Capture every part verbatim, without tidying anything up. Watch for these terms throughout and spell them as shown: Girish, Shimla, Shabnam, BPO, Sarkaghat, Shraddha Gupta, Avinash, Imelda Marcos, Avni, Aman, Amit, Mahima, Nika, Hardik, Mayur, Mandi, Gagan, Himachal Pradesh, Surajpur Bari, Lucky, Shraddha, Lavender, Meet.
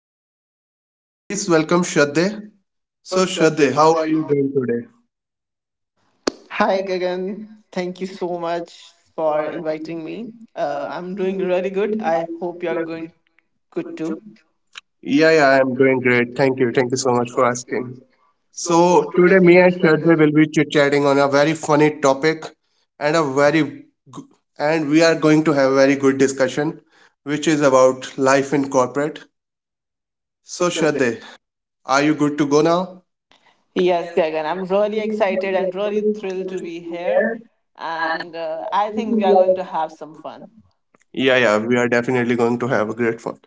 Gupta. So please welcome Shraddha. So Shraddha, how are you doing today? Hi, Gagan. Thank you so much for inviting me. Uh, I'm doing really good. I hope you're going good too. Yeah, yeah, I'm doing great. Thank you. Thank you so much for asking. So today me and Shraddha will be chit-chatting on a very funny topic and a very g- and we are going to have a very good discussion which is about life in corporate. So Shraddha, are you good to go now? Yes, Gagan, I'm really excited and really thrilled to be here. And uh, I think we are going to have some fun. Yeah, yeah, we are definitely going to have a great fun.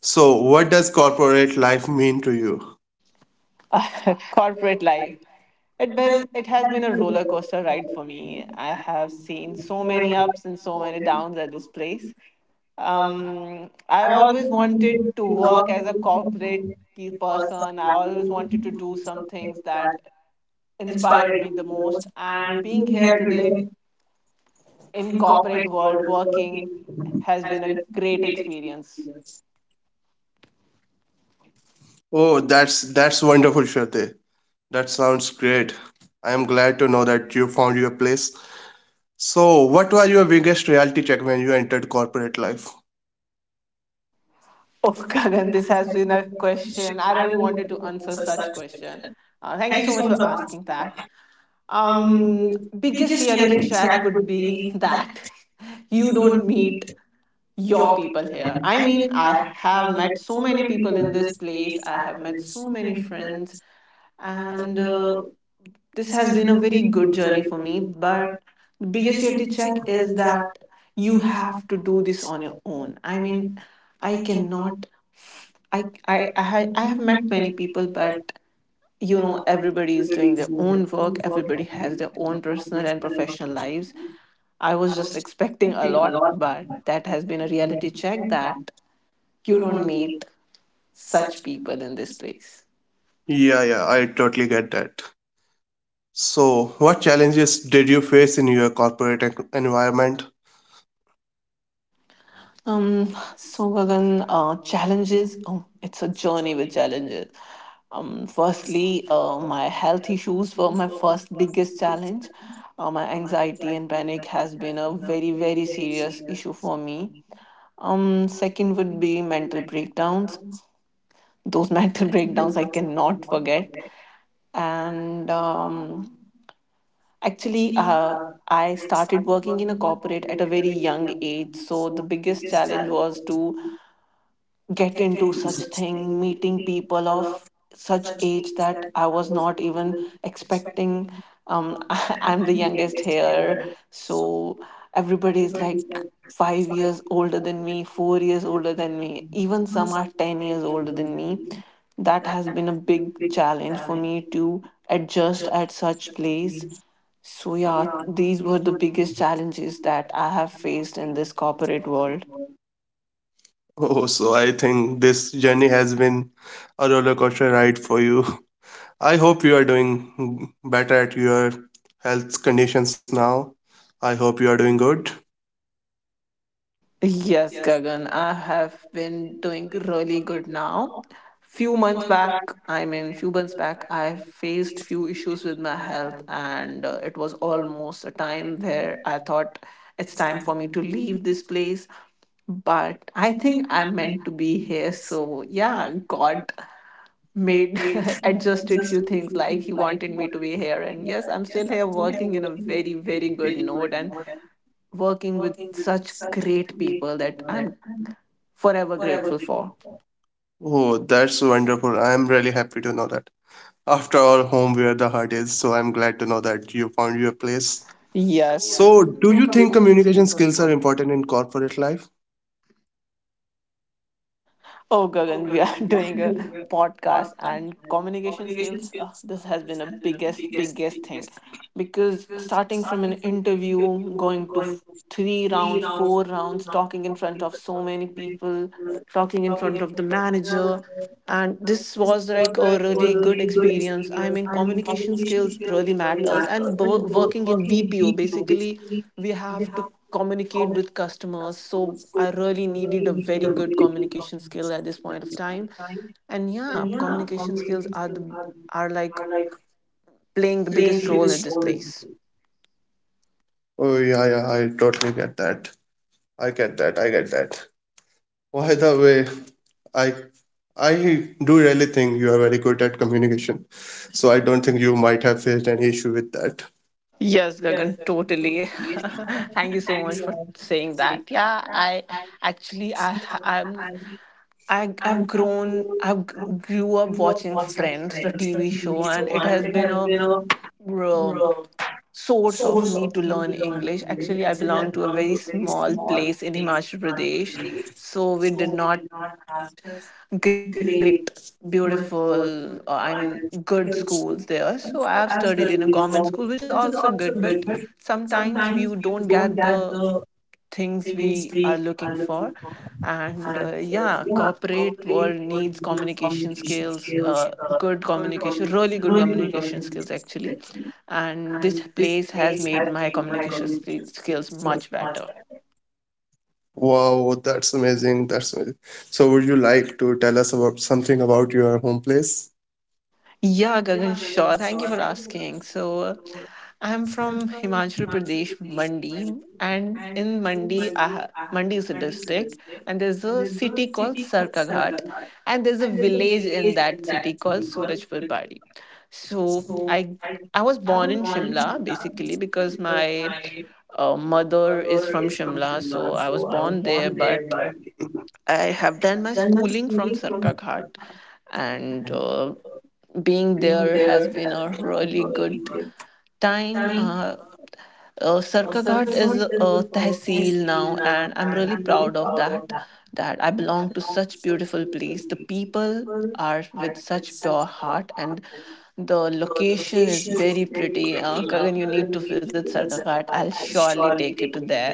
So, what does corporate life mean to you? Corporate life. It, was, it has been a roller coaster ride for me. I have seen so many ups and so many downs at this place. um, I always wanted to work as a corporate key person. I always wanted to do some things that inspired me the most. And being here today in corporate world working has been a great experience. Oh, that's that's wonderful, Shruti. That sounds great. I am glad to know that you found your place. So, what was your biggest reality check when you entered corporate life? Oh, Kagan, this has been a question. I really wanted to answer such question. Uh, thank you so much for asking that. Um, biggest reality check would be that you don't meet your people here. I mean, I have met so many people in this place. I have met so many friends, and uh, this has been a very good journey for me. But the biggest reality check is that you have to do this on your own. I mean, I cannot. I I I, ha- I have met many people, but you know everybody is doing their own work. Everybody has their own personal and professional lives. I was just expecting a lot, but that has been a reality check that you don't meet such people in this place. Yeah, yeah, I totally get that. So, what challenges did you face in your corporate en- environment? um, so Gagan, uh, challenges. Oh, it's a journey with challenges. Um, firstly, uh, my health issues were my first biggest challenge. Uh, my anxiety and panic has been a very, very serious issue for me. Um, second would be mental breakdowns. Those mental breakdowns I cannot forget. And um, actually, uh, I started working in a corporate at a very young age. So the biggest challenge was to get into such thing, meeting people of such age that I was not even expecting. um I'm the youngest here, so everybody is like five years older than me, four years older than me, even some are ten years older than me. That has been a big challenge for me to adjust at such place. So yeah, these were the biggest challenges that I have faced in this corporate world. Oh, so I think this journey has been a roller coaster ride for you. I hope you are doing better at your health conditions now. I hope you are doing good. Yes, Gagan, I have been doing really good now. Few months back, I mean, few months back, I faced few issues with my health, and uh, it was almost a time where I thought it's time for me to leave this place. But I think I'm meant to be here, so yeah, God made adjusted few things like he wanted me to be here, and yes, I'm still here working in a very, very good note, and working with such great people that I'm forever grateful for. Oh, that's wonderful. I'm really happy to know that. After all, home where the heart is, so I'm glad to know that you found your place. Yes. So So, do you do you think think communication communication skills are skills are important? important in corporate life? Oh, Gagan, we are doing a podcast and communication skills. Uh, this has been a biggest, biggest thing because starting from an interview, going to f- three rounds, four rounds, talking in front of so many people, talking in front of the manager. And this was like a really good experience. I mean, communication skills really matters, and bo- working in BPO basically, we have to communicate with customers, so I really needed a very good communication skill at this point of time. And yeah, communication skills are the, are like playing the biggest role at this place. Oh, yeah, yeah, I totally get that. I get that. I get that. By the way, I I do really think you are very good at communication. So I don't think you might have faced any issue with that. Yes, Gagan, totally. Thank you so much for saying that. Yeah, I actually I I'm I, I've grown, I grew up watching Friends, the T V show, and it has been a um, source of me to learn English. Actually, I belong to a very small place in Himachal Pradesh, so we did not have such great, beautiful, uh, I mean, good schools there. So I have studied in a government school, which is also good, but sometimes you don't get the things we are looking for. And uh, yeah, corporate world needs communication skills, uh, good communication really good communication skills actually. And this place has made my communication sk- skills much better. Wow, that's amazing. That's amazing. So would you like to tell us about something about your home place? Yeah, Gagan, sure. Thank you for asking. So, uh, I'm from Himachal Pradesh, Mandi, and in Mandi, I ha- Mandi is a district, and there's a city called Sarkaghat, and there's a village in that city called Surajpur Bari. So, I I was born in Shimla basically because my uh, mother is from Shimla, so I was born there, but I have done my schooling from Sarkaghat, and uh, being there has been a really good time. Uh, uh, Sarka is a tehsil now, and I'm really proud of that. That I belong to such beautiful place. The people are with such pure heart, and the location is very pretty. Uh, Kagan, you need to visit Sarkaghat. I'll surely take you to there.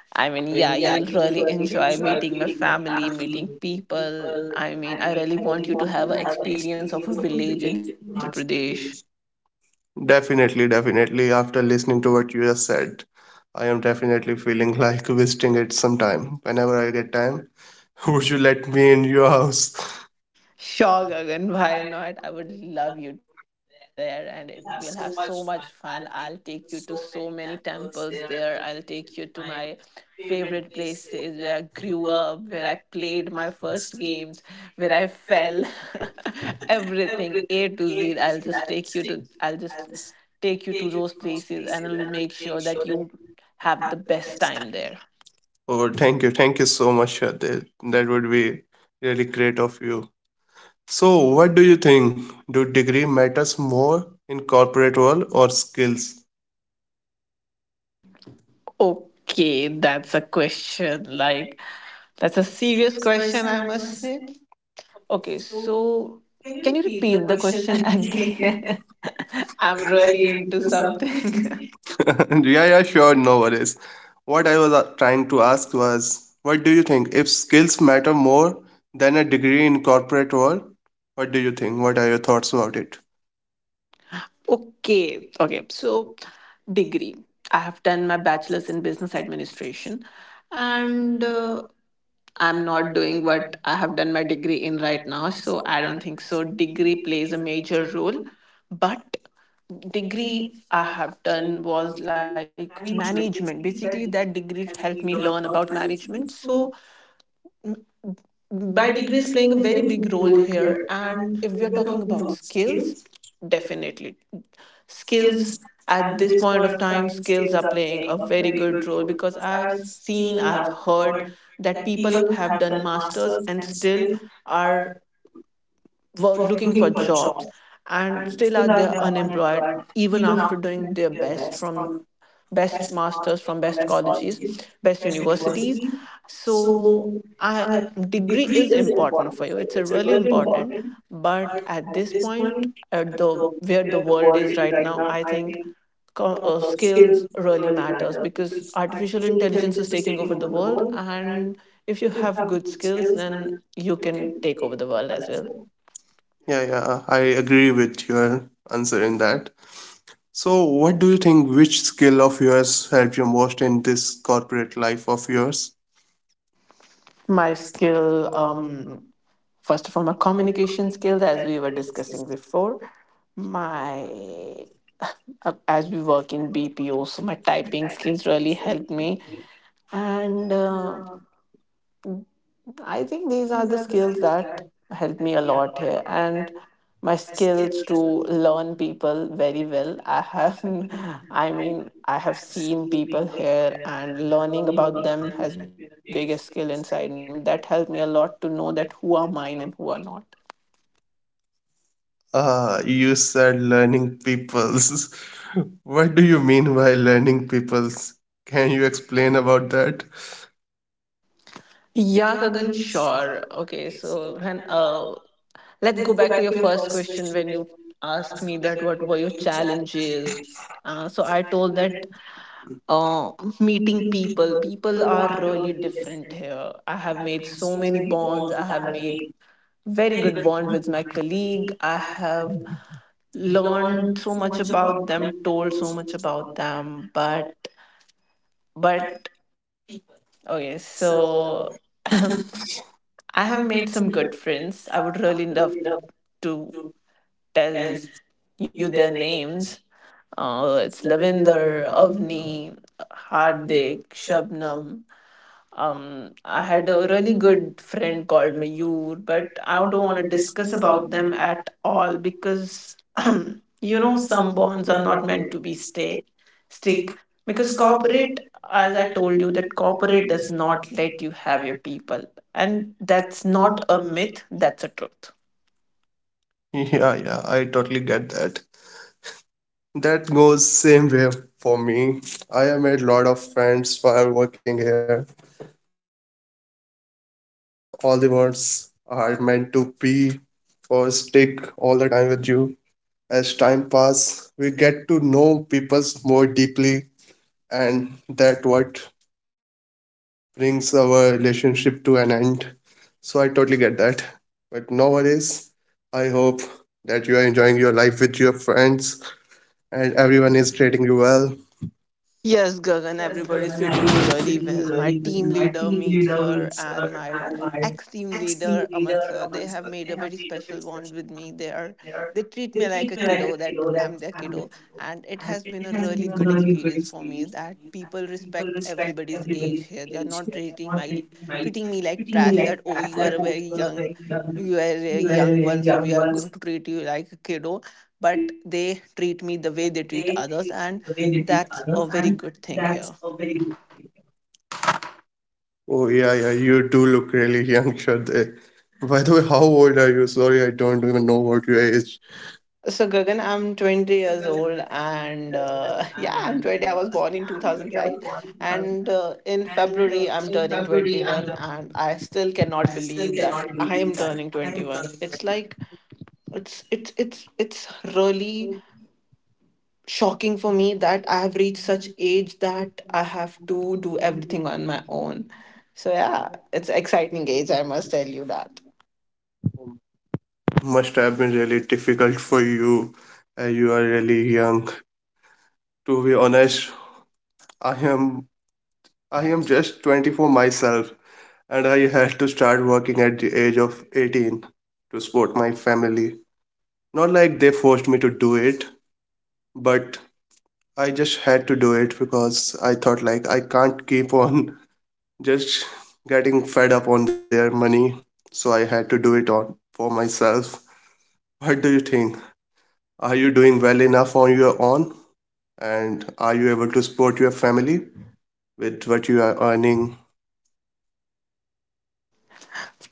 I mean, yeah, you'll really enjoy meeting my family, meeting people. I mean, I really want you to have an experience of a village in Himachal Pradesh. Definitely, definitely. After listening to what you just said, I am definitely feeling like visiting it sometime whenever I get time. Would you let me in your house? Sure, Gagan, why not? I would love you to be there, and it we'll have so much fun. I'll take you to so many temples there. I'll take you to my favorite places where I grew up, where I played my first games, where I fell. Everything A to Z. I'll just take you to I'll just take you to those places, and I'll make sure that you have the best time there. Oh, thank you, thank you so much, Shraddha. That would be really great of you. So, what do you think? Do degree matters more in corporate world or skills? Okay, that's a question. Like, that's a serious question, I must say. Okay, so can you repeat the question again? I'm really into something. Yeah, yeah, sure, no worries. What I was uh, trying to ask was, what do you think? If skills matter more than a degree in corporate world, what do you think? What are your thoughts about it? Okay, okay. So, degree. I have done my bachelor's in business administration, and uh, I'm not doing what I have done my degree in right now. So, I don't think so. Degree plays a major role, but degree I have done was like management. Basically, that degree helped me learn about management. So, my degree is playing a very big role here. And if we are talking about skills, definitely skills, at this point of time skills are playing a very good role, because I have seen, I have heard that people have done masters and still are were looking for jobs, and still are they unemployed, even after doing their best from best masters, from best colleges, best universities. So i degree is important for you, it's a really important, but at this point, at the where the world is right now, I think co- uh, skills really matters, because artificial intelligence is taking over the world, and if you have good skills, then you can take over the world as well. Yeah, yeah, I agree with your answer in that. So, what do you think? Which skill of yours helped you most in this corporate life of yours? My skill. Um first of all, my communication skills, as we were discussing before, my uh, as we work in BPO, so my typing skills really helped me. And uh, I think these are the skills that helped me a lot here, and my skills to learn people very well. I have, I mean, I have seen people here, and learning about them has been a biggest skill inside me, and that helped me a lot to know that who are mine and who are not. Uh, you said learning peoples. What do you mean by learning peoples? Can you explain about that? Yeah, Kagan, sure. Okay, so then uh, let's go back to your first question when you asked me that what were your challenges. Uh, so I told that uh, meeting people. People are really different here. I have made so many bonds. I have made very good bond with my colleague. I have learned so much about them, told so much about them, but but people. Okay, so I have made some good friends. I would really love to tell you their names. Uh, it's Lavender, Avni, Hardik, Shabnam. um I had a really good friend called Mayur, but I don't want to discuss about them at all, because you know, some bonds are not meant to be stay stick, because corporate, as I told you that corporate does not let you have your people, and that's not a myth, that's a truth. Yeah, yeah, I totally get that. That goes same way for me. I have made lot of friends while working here, but not like all the ones are meant to be or stick all the time with you. As time pass, we get to know people more deeply, and that what brings our relationship to an end. So I totally get that. But nowadays, I hope that you are enjoying your life with your friends and everyone is treating you well. Yes, Gagan, everybody's treating me really well. My team leader, Meet Sir, and my ex team leader, Aman Sir, they have made a very special bond with me. They are they treat me like a kiddo, that I'm their kiddo. And it has been a really good experience for me that people respect everybody's age here. They are not treating my treating me like trash that oh, you are a very young, you are a young one, so we are going to treat you like a kiddo. But they treat me the way they treat others, and that's a very good thing here. Oh yeah, yeah, you do look really young, Shraddha. By the way, how old are you? Sorry, I don't even know what your age. So, Gagan, I'm twenty years old, and uh, yeah, I'm twenty. I was born in two thousand five, and uh, in February, I'm turning twenty-one, and I still cannot believe that I am turning twenty-one. It's like it's it's it's it's really shocking for me that I have reached such age that I have to do everything on my own. So yeah, it's exciting age, I must tell you that. Must have been really difficult for you. Uh, you are really young. To be honest, I am I am just twenty-four myself, and I had to start working at the age of eighteen to support my family. Not like they forced me to do it, but I just had to do it because I thought like I can't keep on just getting fed up on their money. So I had to do it on for myself. What do you think? Are you doing well enough on your own? And are you able to support your family with what you are earning?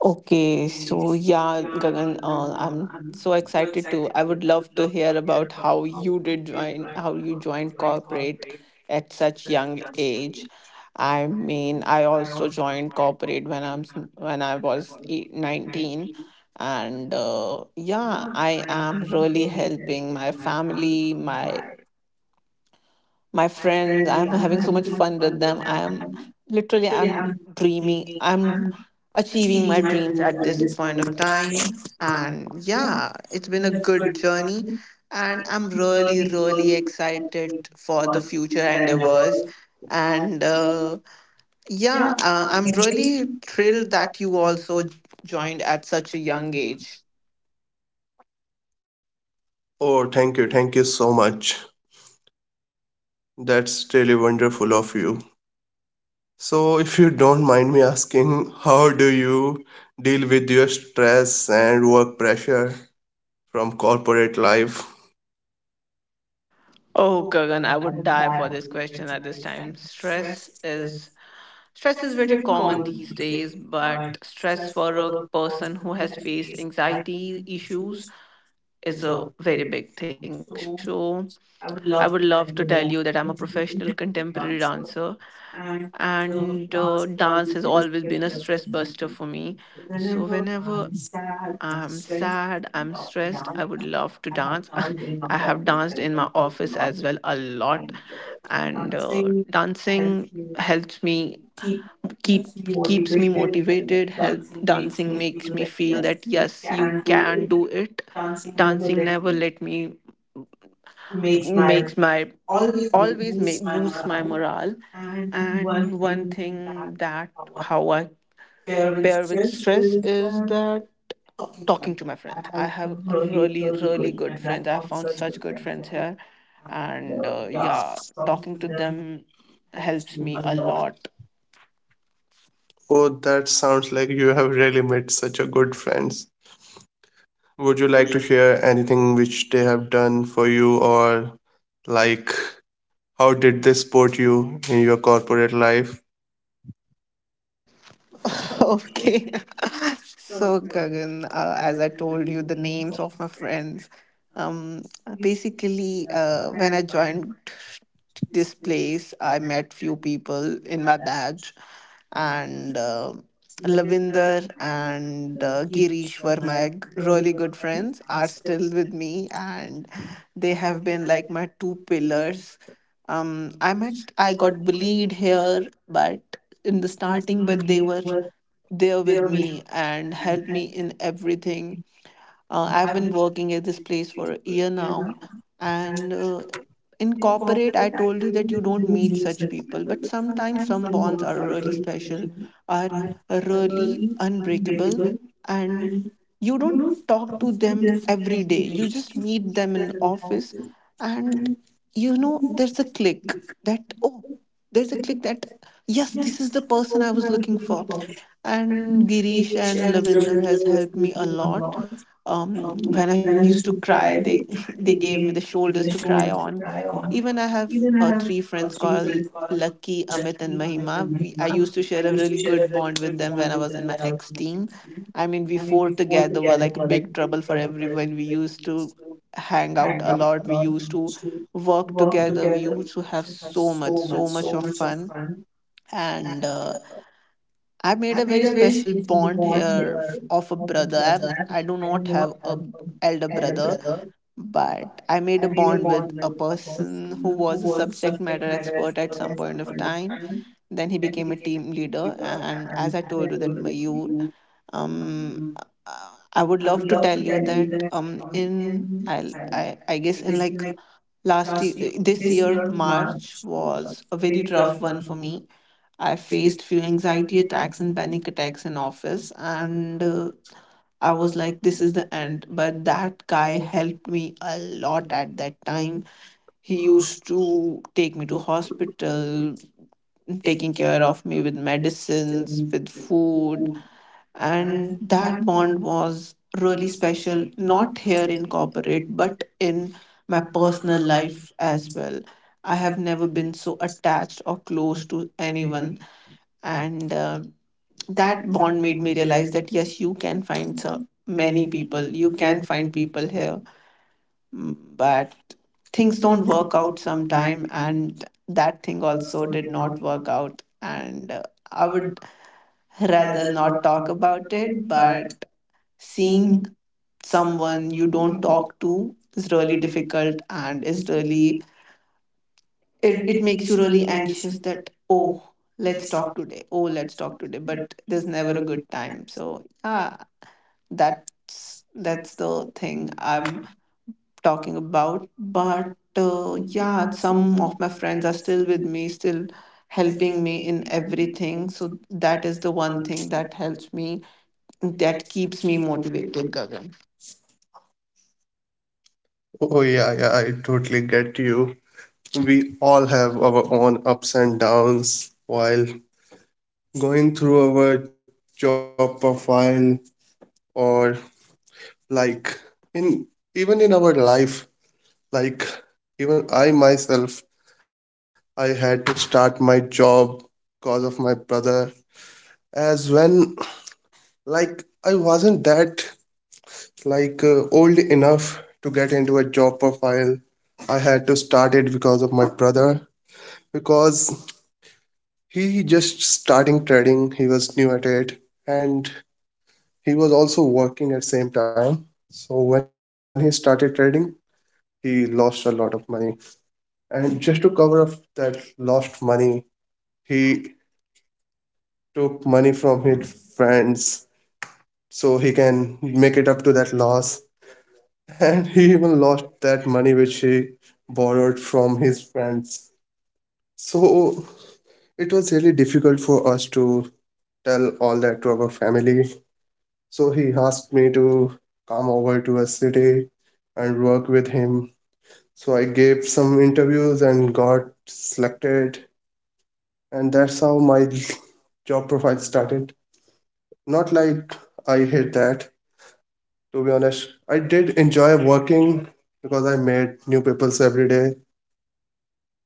Okay, so yeah, Gagan, uh, I'm so excited to. I would love to hear about how you did join, how you joined corporate at such young age. I mean, I also joined corporate when I'm s- when I was eight, nineteen, and uh, yeah, I am really helping my family, my my friends. I'm having so much fun with them. I am literally, i'm dreaming i'm achieving my dreams at this point of time, and yeah, it's been a good journey, and I'm really, really excited for the future endeavors. And uh, yeah uh, I'm really thrilled that you also joined at such a young age. Oh, thank you. Thank you so much. That's really wonderful of you. So, if you don't mind me asking, how do you deal with your stress and work pressure from corporate life? Oh, Gagan, I would die for this question at this time. stress is Stress is very common these days, but stress for a person who has faced anxiety issues is a very big thing. So, I would love to tell you that I'm a professional contemporary dancer, and uh, dance has always been a stress buster for me. So, whenever I'm sad, I'm stressed, I would love to dance. I have danced in my office as well a lot, and uh, dancing helps me keep keeps me motivated. Help Dancing makes me feel that yes, you can do it. Dancing never let me makes my always make boosts my morale. And one thing that how I pair with stress is that talking to my friends. I have a really, really good friends. I have found such good friends here, and uh, yeah, talking to them helps me a lot. Oh, that sounds like you have really made such a good friends. Would you like to share anything which they have done for you or like how did they support you in your corporate life? Okay. So, Gagan, uh, as I told you, the names of my friends. Um, basically, uh, when I joined this place, I met few people in my batch, and uh, Lavinder and uh, Girish were my g- really good friends. Are still with me, and they have been like my two pillars. Um, I met, I got bullied here, but in the starting, but they were there with me and helped me in everything. Uh, I've been working at this place for a year now, and uh, in corporate, I told you that you don't meet such people, but sometimes some bonds are really special, are uh, really unbreakable, and you don't talk to them every day. You just meet them in office, and you know there's a click that oh there's a click that yes, this is the person I was looking for. And Girish and Lavender has helped me a lot. um when I used to cry, they they gave me the shoulders to cry on. Even I have uh, three friends called Lucky, Amit, and Mahima. we, I used to share a really good bond with them when I was in my ex team. I mean, we four together were like big trouble for everyone. We used to hang out a lot. We used to work together. We used to have so much, so much of fun. And uh, I made a very special bond here f- of a brother. I've, I do not have a b- elder brother, but I made a bond with a person who was a subject matter expert at some point of time. Then he became a team leader, and as I told you, that Mayur. um uh, I would love to tell you that um in i i, I guess in like last year, this year March was a very rough one for me. I faced few anxiety attacks and panic attacks in office, and uh, I was like this is the end, but that guy helped me a lot at that time. He used to take me to hospital, taking care of me with medicines, with food, and that bond was really special, not here in corporate, but in my personal life as well. I have never been so attached or close to anyone. And uh, that bond made me realize that yes, you can find so many people, you can find people here, but things don't work out sometime, and that thing also did not work out. And uh, I would rather not talk about it, but seeing someone you don't talk to is really difficult, and is really, it, it makes you really anxious that oh let's talk today oh, let's talk today, but there's never a good time. So yeah, that's that's the thing I'm talking about. But uh, yeah, some of my friends are still with me, still helping me in everything. So that is the one thing that helps me, that keeps me motivated, Gagan. Oh yeah, yeah, I totally get you. We all have our own ups and downs while going through our job profile or like in even in our life, like even I myself, I had to start my job because of my brother. As when, like, I wasn't that, like, uh, old enough to get into a job profile. I had to start it because of my brother. Because he just starting trading, he was new at it. And he was also working at same time. So when he started trading, he lost a lot of money. And just to cover up that lost money, he took money from his friends so he can make it up to that loss. And he even lost that money which he borrowed from his friends. So it was really difficult for us to tell all that to our family. So he asked me to come over to a city and work with him. So I gave some interviews and got selected. And that's how my job profile started. Not like I hate that, to be honest. I did enjoy working because I met new people every day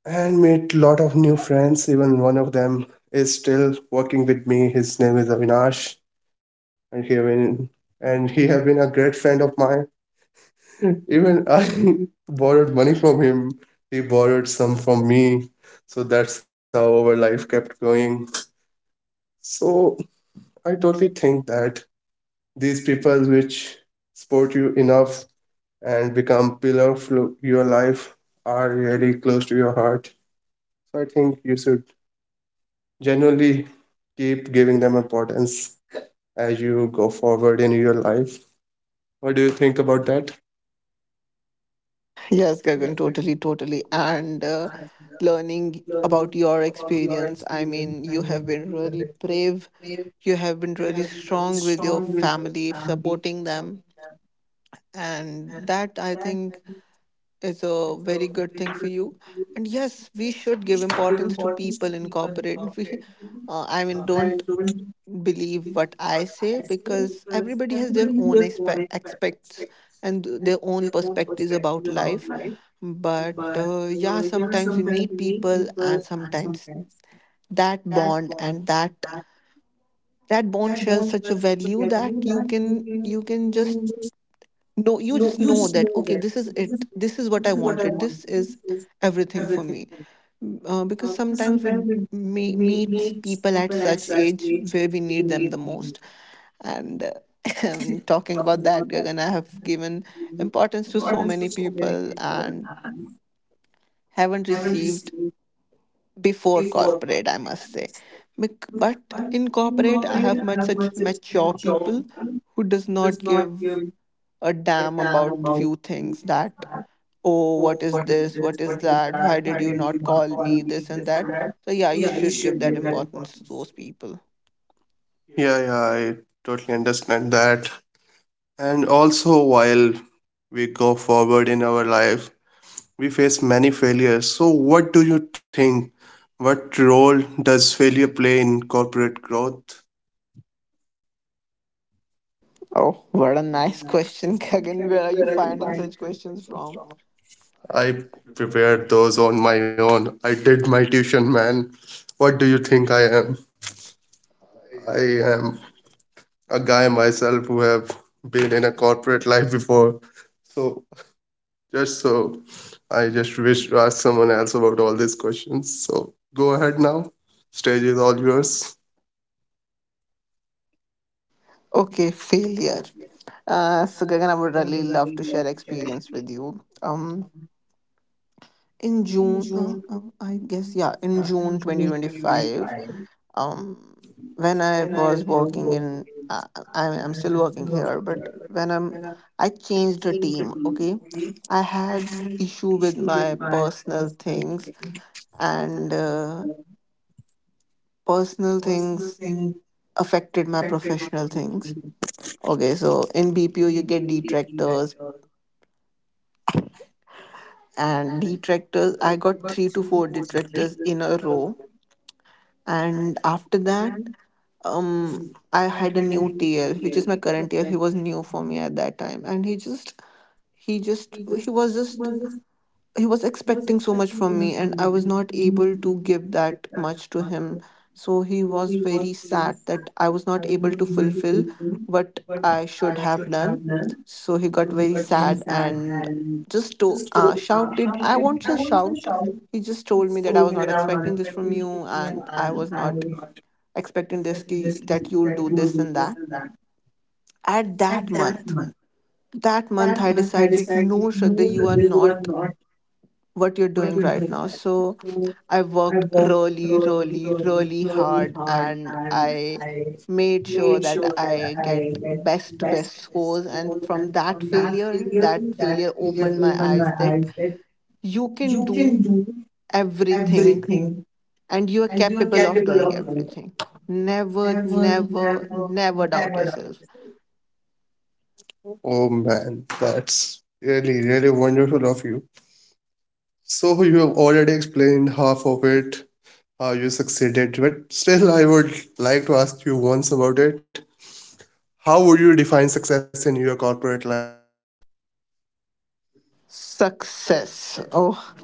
and made lot of new friends. Even one of them is still working with me. His name is Avinash, and he have been, and he have been a great friend of mine. Even I borrowed money from him. He borrowed some from me. So that's how our life kept going. So I totally think that these people which support you enough and become pillar of lo- your life are really close to your heart. So I think you should genuinely keep giving them importance as you go forward in your life. What do you think about that? Yes, Gagan, totally, totally. And uh, learning about your experience, I mean, you have been really brave. You have been really strong with your family, supporting them. And that I think is a very good thing for you. And yes, we should give importance to people in corporate. We, uh, I mean, don't believe what I say because everybody has their own expe- expects and their own perspectives about life. But uh, yeah, sometimes we meet people, and sometimes that bond and that that bond shares such a value that you can you can just no you just know that okay, this is it, this is what I wanted, this is everything for me. Mm, uh, because sometimes we d- meet people at such age where we need them the most. And uh, talking about that, Gagan, I have given importance to so many people and haven't received before corporate, I must say. Bec- but in corporate I have met such mature people who does not give a damn about few things that oh, what is this, what is that, why did you not call me this and that. So yeah, you should give that importance to those people. Yeah, yeah, I totally understand that. And also, while we go forward in our life, we face many failures. So, what do you think? What role does failure play in corporate growth? Oh, what a nice question. Gagan, where are you finding such questions from? I prepared those on my own. I did my tuition, man. What do you think I am? I am a guy myself who have been in a corporate life before. So just, so I just wish to ask someone else about all these questions. So go ahead now. Stage is all yours. Okay, failure. uh, so Gagan, I would really love to share experience with you. um in June, uh, uh, I guess yeah, in June twenty twenty-five, um when I was working in uh, I, I'm still working here, but when I'm I changed the team. Okay, I had issue with my personal things, and uh, personal things affected my professional things. Okay, so in BPO you get detractors, and detractors, I got three to four detractors in a row. And after that, um I had a new TL, which is my current TL. He was new for me at that time, and he just he just he was just he was expecting so much from me, and I was not able to give that much to him. So he was very sad that I was not able to fulfill what I should have done. So he got very sad, and just to uh, shouted I won't say shout, he just told me that I was not expecting this from you, and I was not expecting this ki- that you'll do this and that. At that month, that month I decided, no, Shraddha, you are not what you're doing right now. So I worked really, really, really hard, and I made sure that I get best to best scores. And from that failure, that failure opened my eyes that you can do everything and you are capable of doing everything. Never, never, never doubt yourself. Oh man, that's really, really wonderful of you. So you have already explained half of it, how you succeeded, but still I would like to ask you once about it. How would you define success in your corporate life? Success. Oh,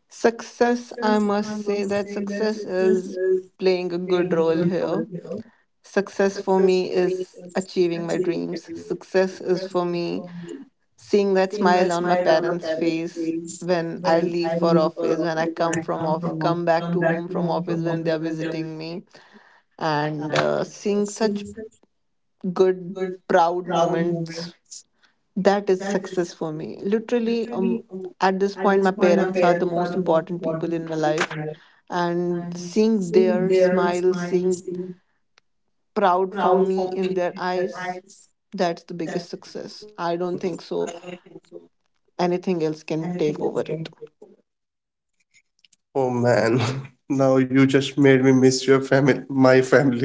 success, I must say that success is playing a good role here. Success for me is achieving my dreams. Success is for me seeing that smile on my parents' face when I leave for office, when I come from off, come back to home from office, when they are visiting me, and uh, seeing such good, proud moments, that is success for me literally. um, at this point my parents are the most important people in my life, and seeing their smile, seeing proud for me in their eyes, that's the biggest success. I don't think so anything else can take over it. Oh man, now you just made me miss your family, my family.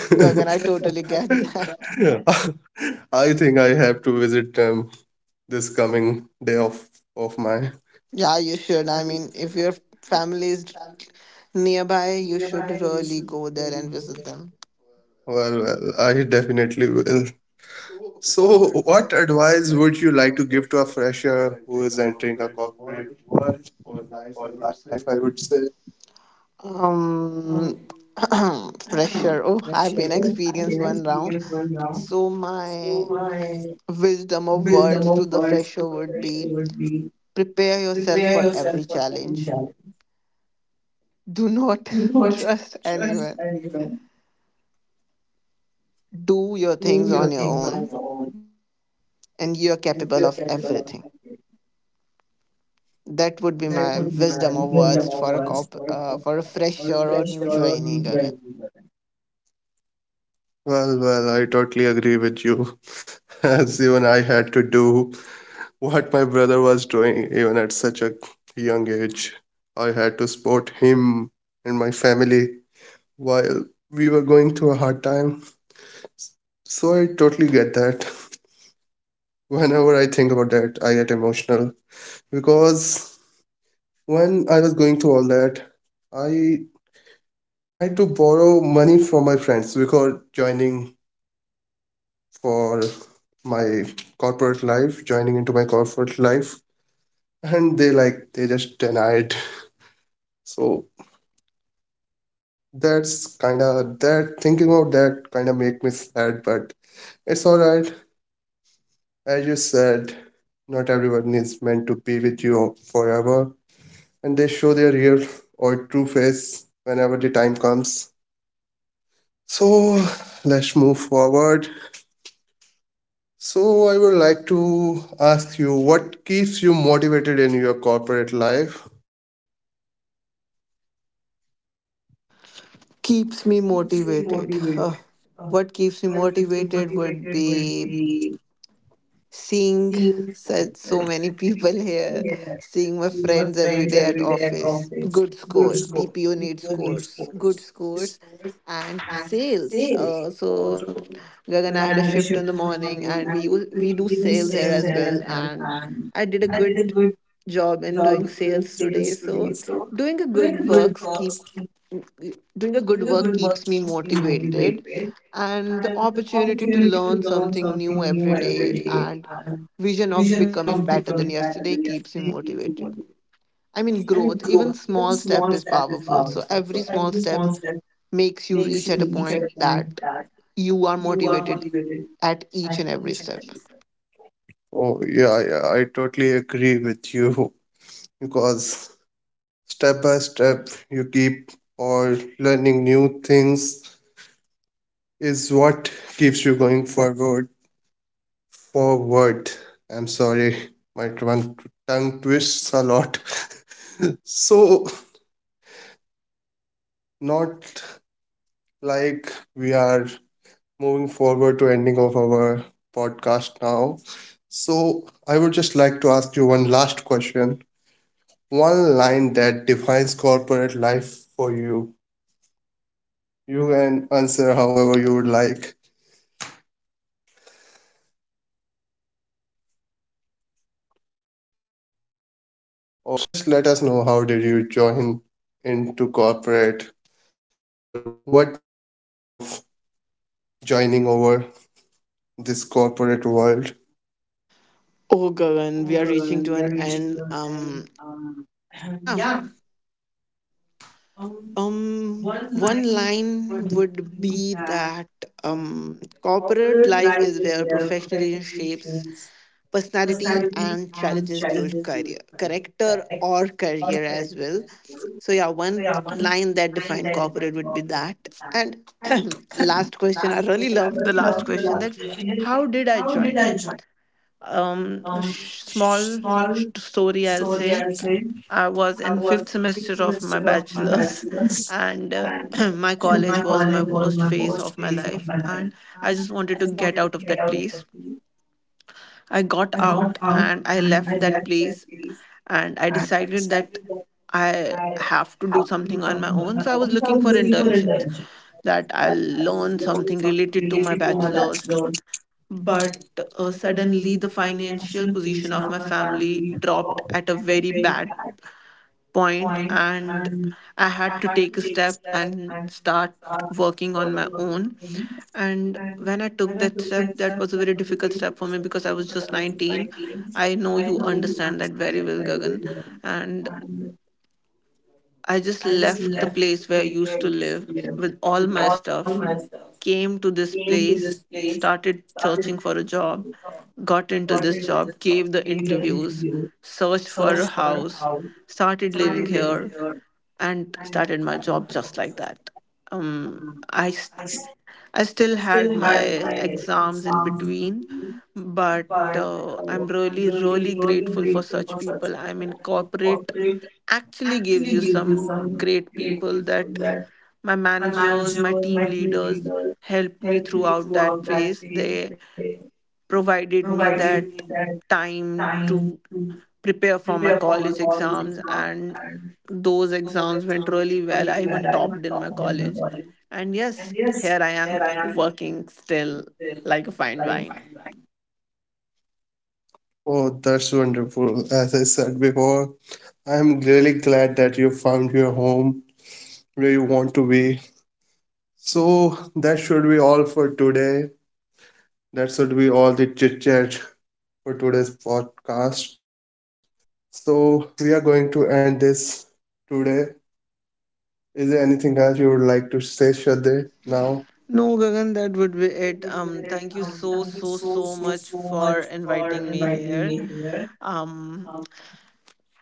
Oh, Gagan, I totally get that. Yeah. I think I have to visit them this coming day of of mine. Yeah, you should, I mean, if your family is nearby, you should really go there and visit them. Well, well, I definitely will. So, what advice would you like to give to a fresher who is entering a corporate world or life? I would say. Um, fresher. Oh, I've been experienced one round. So my wisdom of words to the fresher would be prepare yourself for every challenge. Do not trust anyone. Do your things on your own, and you're capable of everything. That would be my wisdom of words for a cop uh, for a fresher or new joining again. Well, well, I totally agree with you. As even I had to do what my brother was doing even at such a young age. I had to support him and my family while we were going through a hard time. So I totally get that. Whenever I think about that, I get emotional because when I was going through all that, I tried to borrow money from my friends before joining for my corporate life, joining into my corporate life, and they like they just denied. So that's kind of, that thinking about that kind of make me sad, but it's all right. As you said, not everyone is meant to be with you forever, and they show their real or true face whenever the time comes. So let's move forward. So I would like to ask you what keeps you motivated in your corporate life? Keeps me motivated. Uh, what keeps me motivated would be seeing such so many people here, seeing my friends every day at office. Good scores. B P O needs scores. Good scores and sales. Uh, so Gagan, I had a shift in the morning, and we u- we do sales here as well, and I did a good job in doing sales today. So doing a good works keep doing a good work keeps me motivated, and the opportunity to learn something new every day, and vision of becoming better than yesterday keeps me motivated. I mean, growth, even small step is powerful. So every small step makes you reach at a point that you are motivated at each and every step. Oh yeah, yeah, I totally agree with you because step by step you keep or learning new things is what keeps you going forward forward I'm sorry, my tongue tongue twists a lot. So not like we are moving forward to ending of our podcast now. So I would just like to ask you one last question. One line that defines corporate life for you. You can answer however you would like, or just let us know how did you join into corporate or what made you think of joining over this corporate world? Oh, Gagan, we are reaching to an end. Um, yeah. Um, one line would be that um, corporate life is where professionalism shapes personality and challenges build career, character or career as well. So yeah, one line that defined corporate would be that. And last question, I really loved the last question that how did I join? um sh- small sh- Story, I'll say. I was in fifth semester of my bachelor's and uh, my college was my worst phase of my life, and I just wanted to get out of that place. I got out and I left that place, and I decided that I have to do something on my own. So I was looking for internships that I'll learn something related to my bachelor's. But uh, suddenly, the financial position of my family dropped at a very bad point, and I had to take a step and start working on my own. And when I took that step, that was a very difficult step for me because I was just nineteen. I know you understand that very well, Gagan. And I just left the place where I used to live with all my stuff, came to this place, started searching for a job, got into this job, gave the interviews, searched for a house, started living here, and started my job just like that. Um, I, s- I still had my exams in between, but uh, I'm really, really grateful for such people. I'm in corporate actually gives you some great people that my managers, my team leaders helped me throughout that phase. They provided me that time to prepare for my college exams, and those exams went really well. I even topped in my college. And yes, here I am working still like a fine wine. Oh, that's wonderful. As I said before, I'm really glad that you found your home where you want to be. So that should be all for today. That should be all the chit chat for today's podcast. So we are going to end this today. Is there anything else you would like to say, Shraddha, now? No, Gagan, that would be it. Um, thank you so, so, so much for inviting me here. um,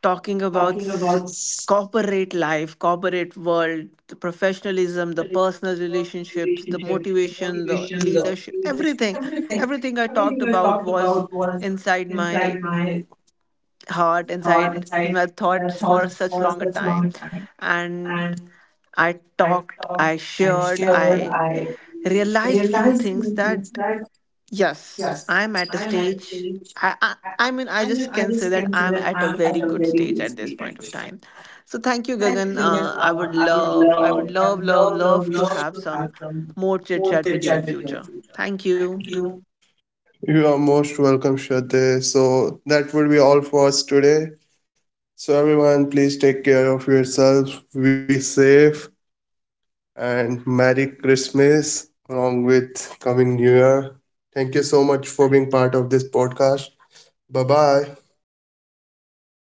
talking about s- corporate life, corporate world, the professionalism, the personal relationships, the motivation, the leadership, everything. Everything I talked about was inside my heart, inside my thoughts for such long a time. And I talked, I shared, I realized few things that yes, I'm at a stage. I, I I mean, I just can say that I'm at a very good stage at this point of time. So thank you, Gagan. Uh, I would love, I would love, love, love to have some more chit chat with you in future. Thank you. You are most welcome, Shraddha. So that would be all for us today. So everyone, please take care of yourself, be safe, and Merry Christmas along with coming New Year. Thank you so much for being part of this podcast. Bye bye.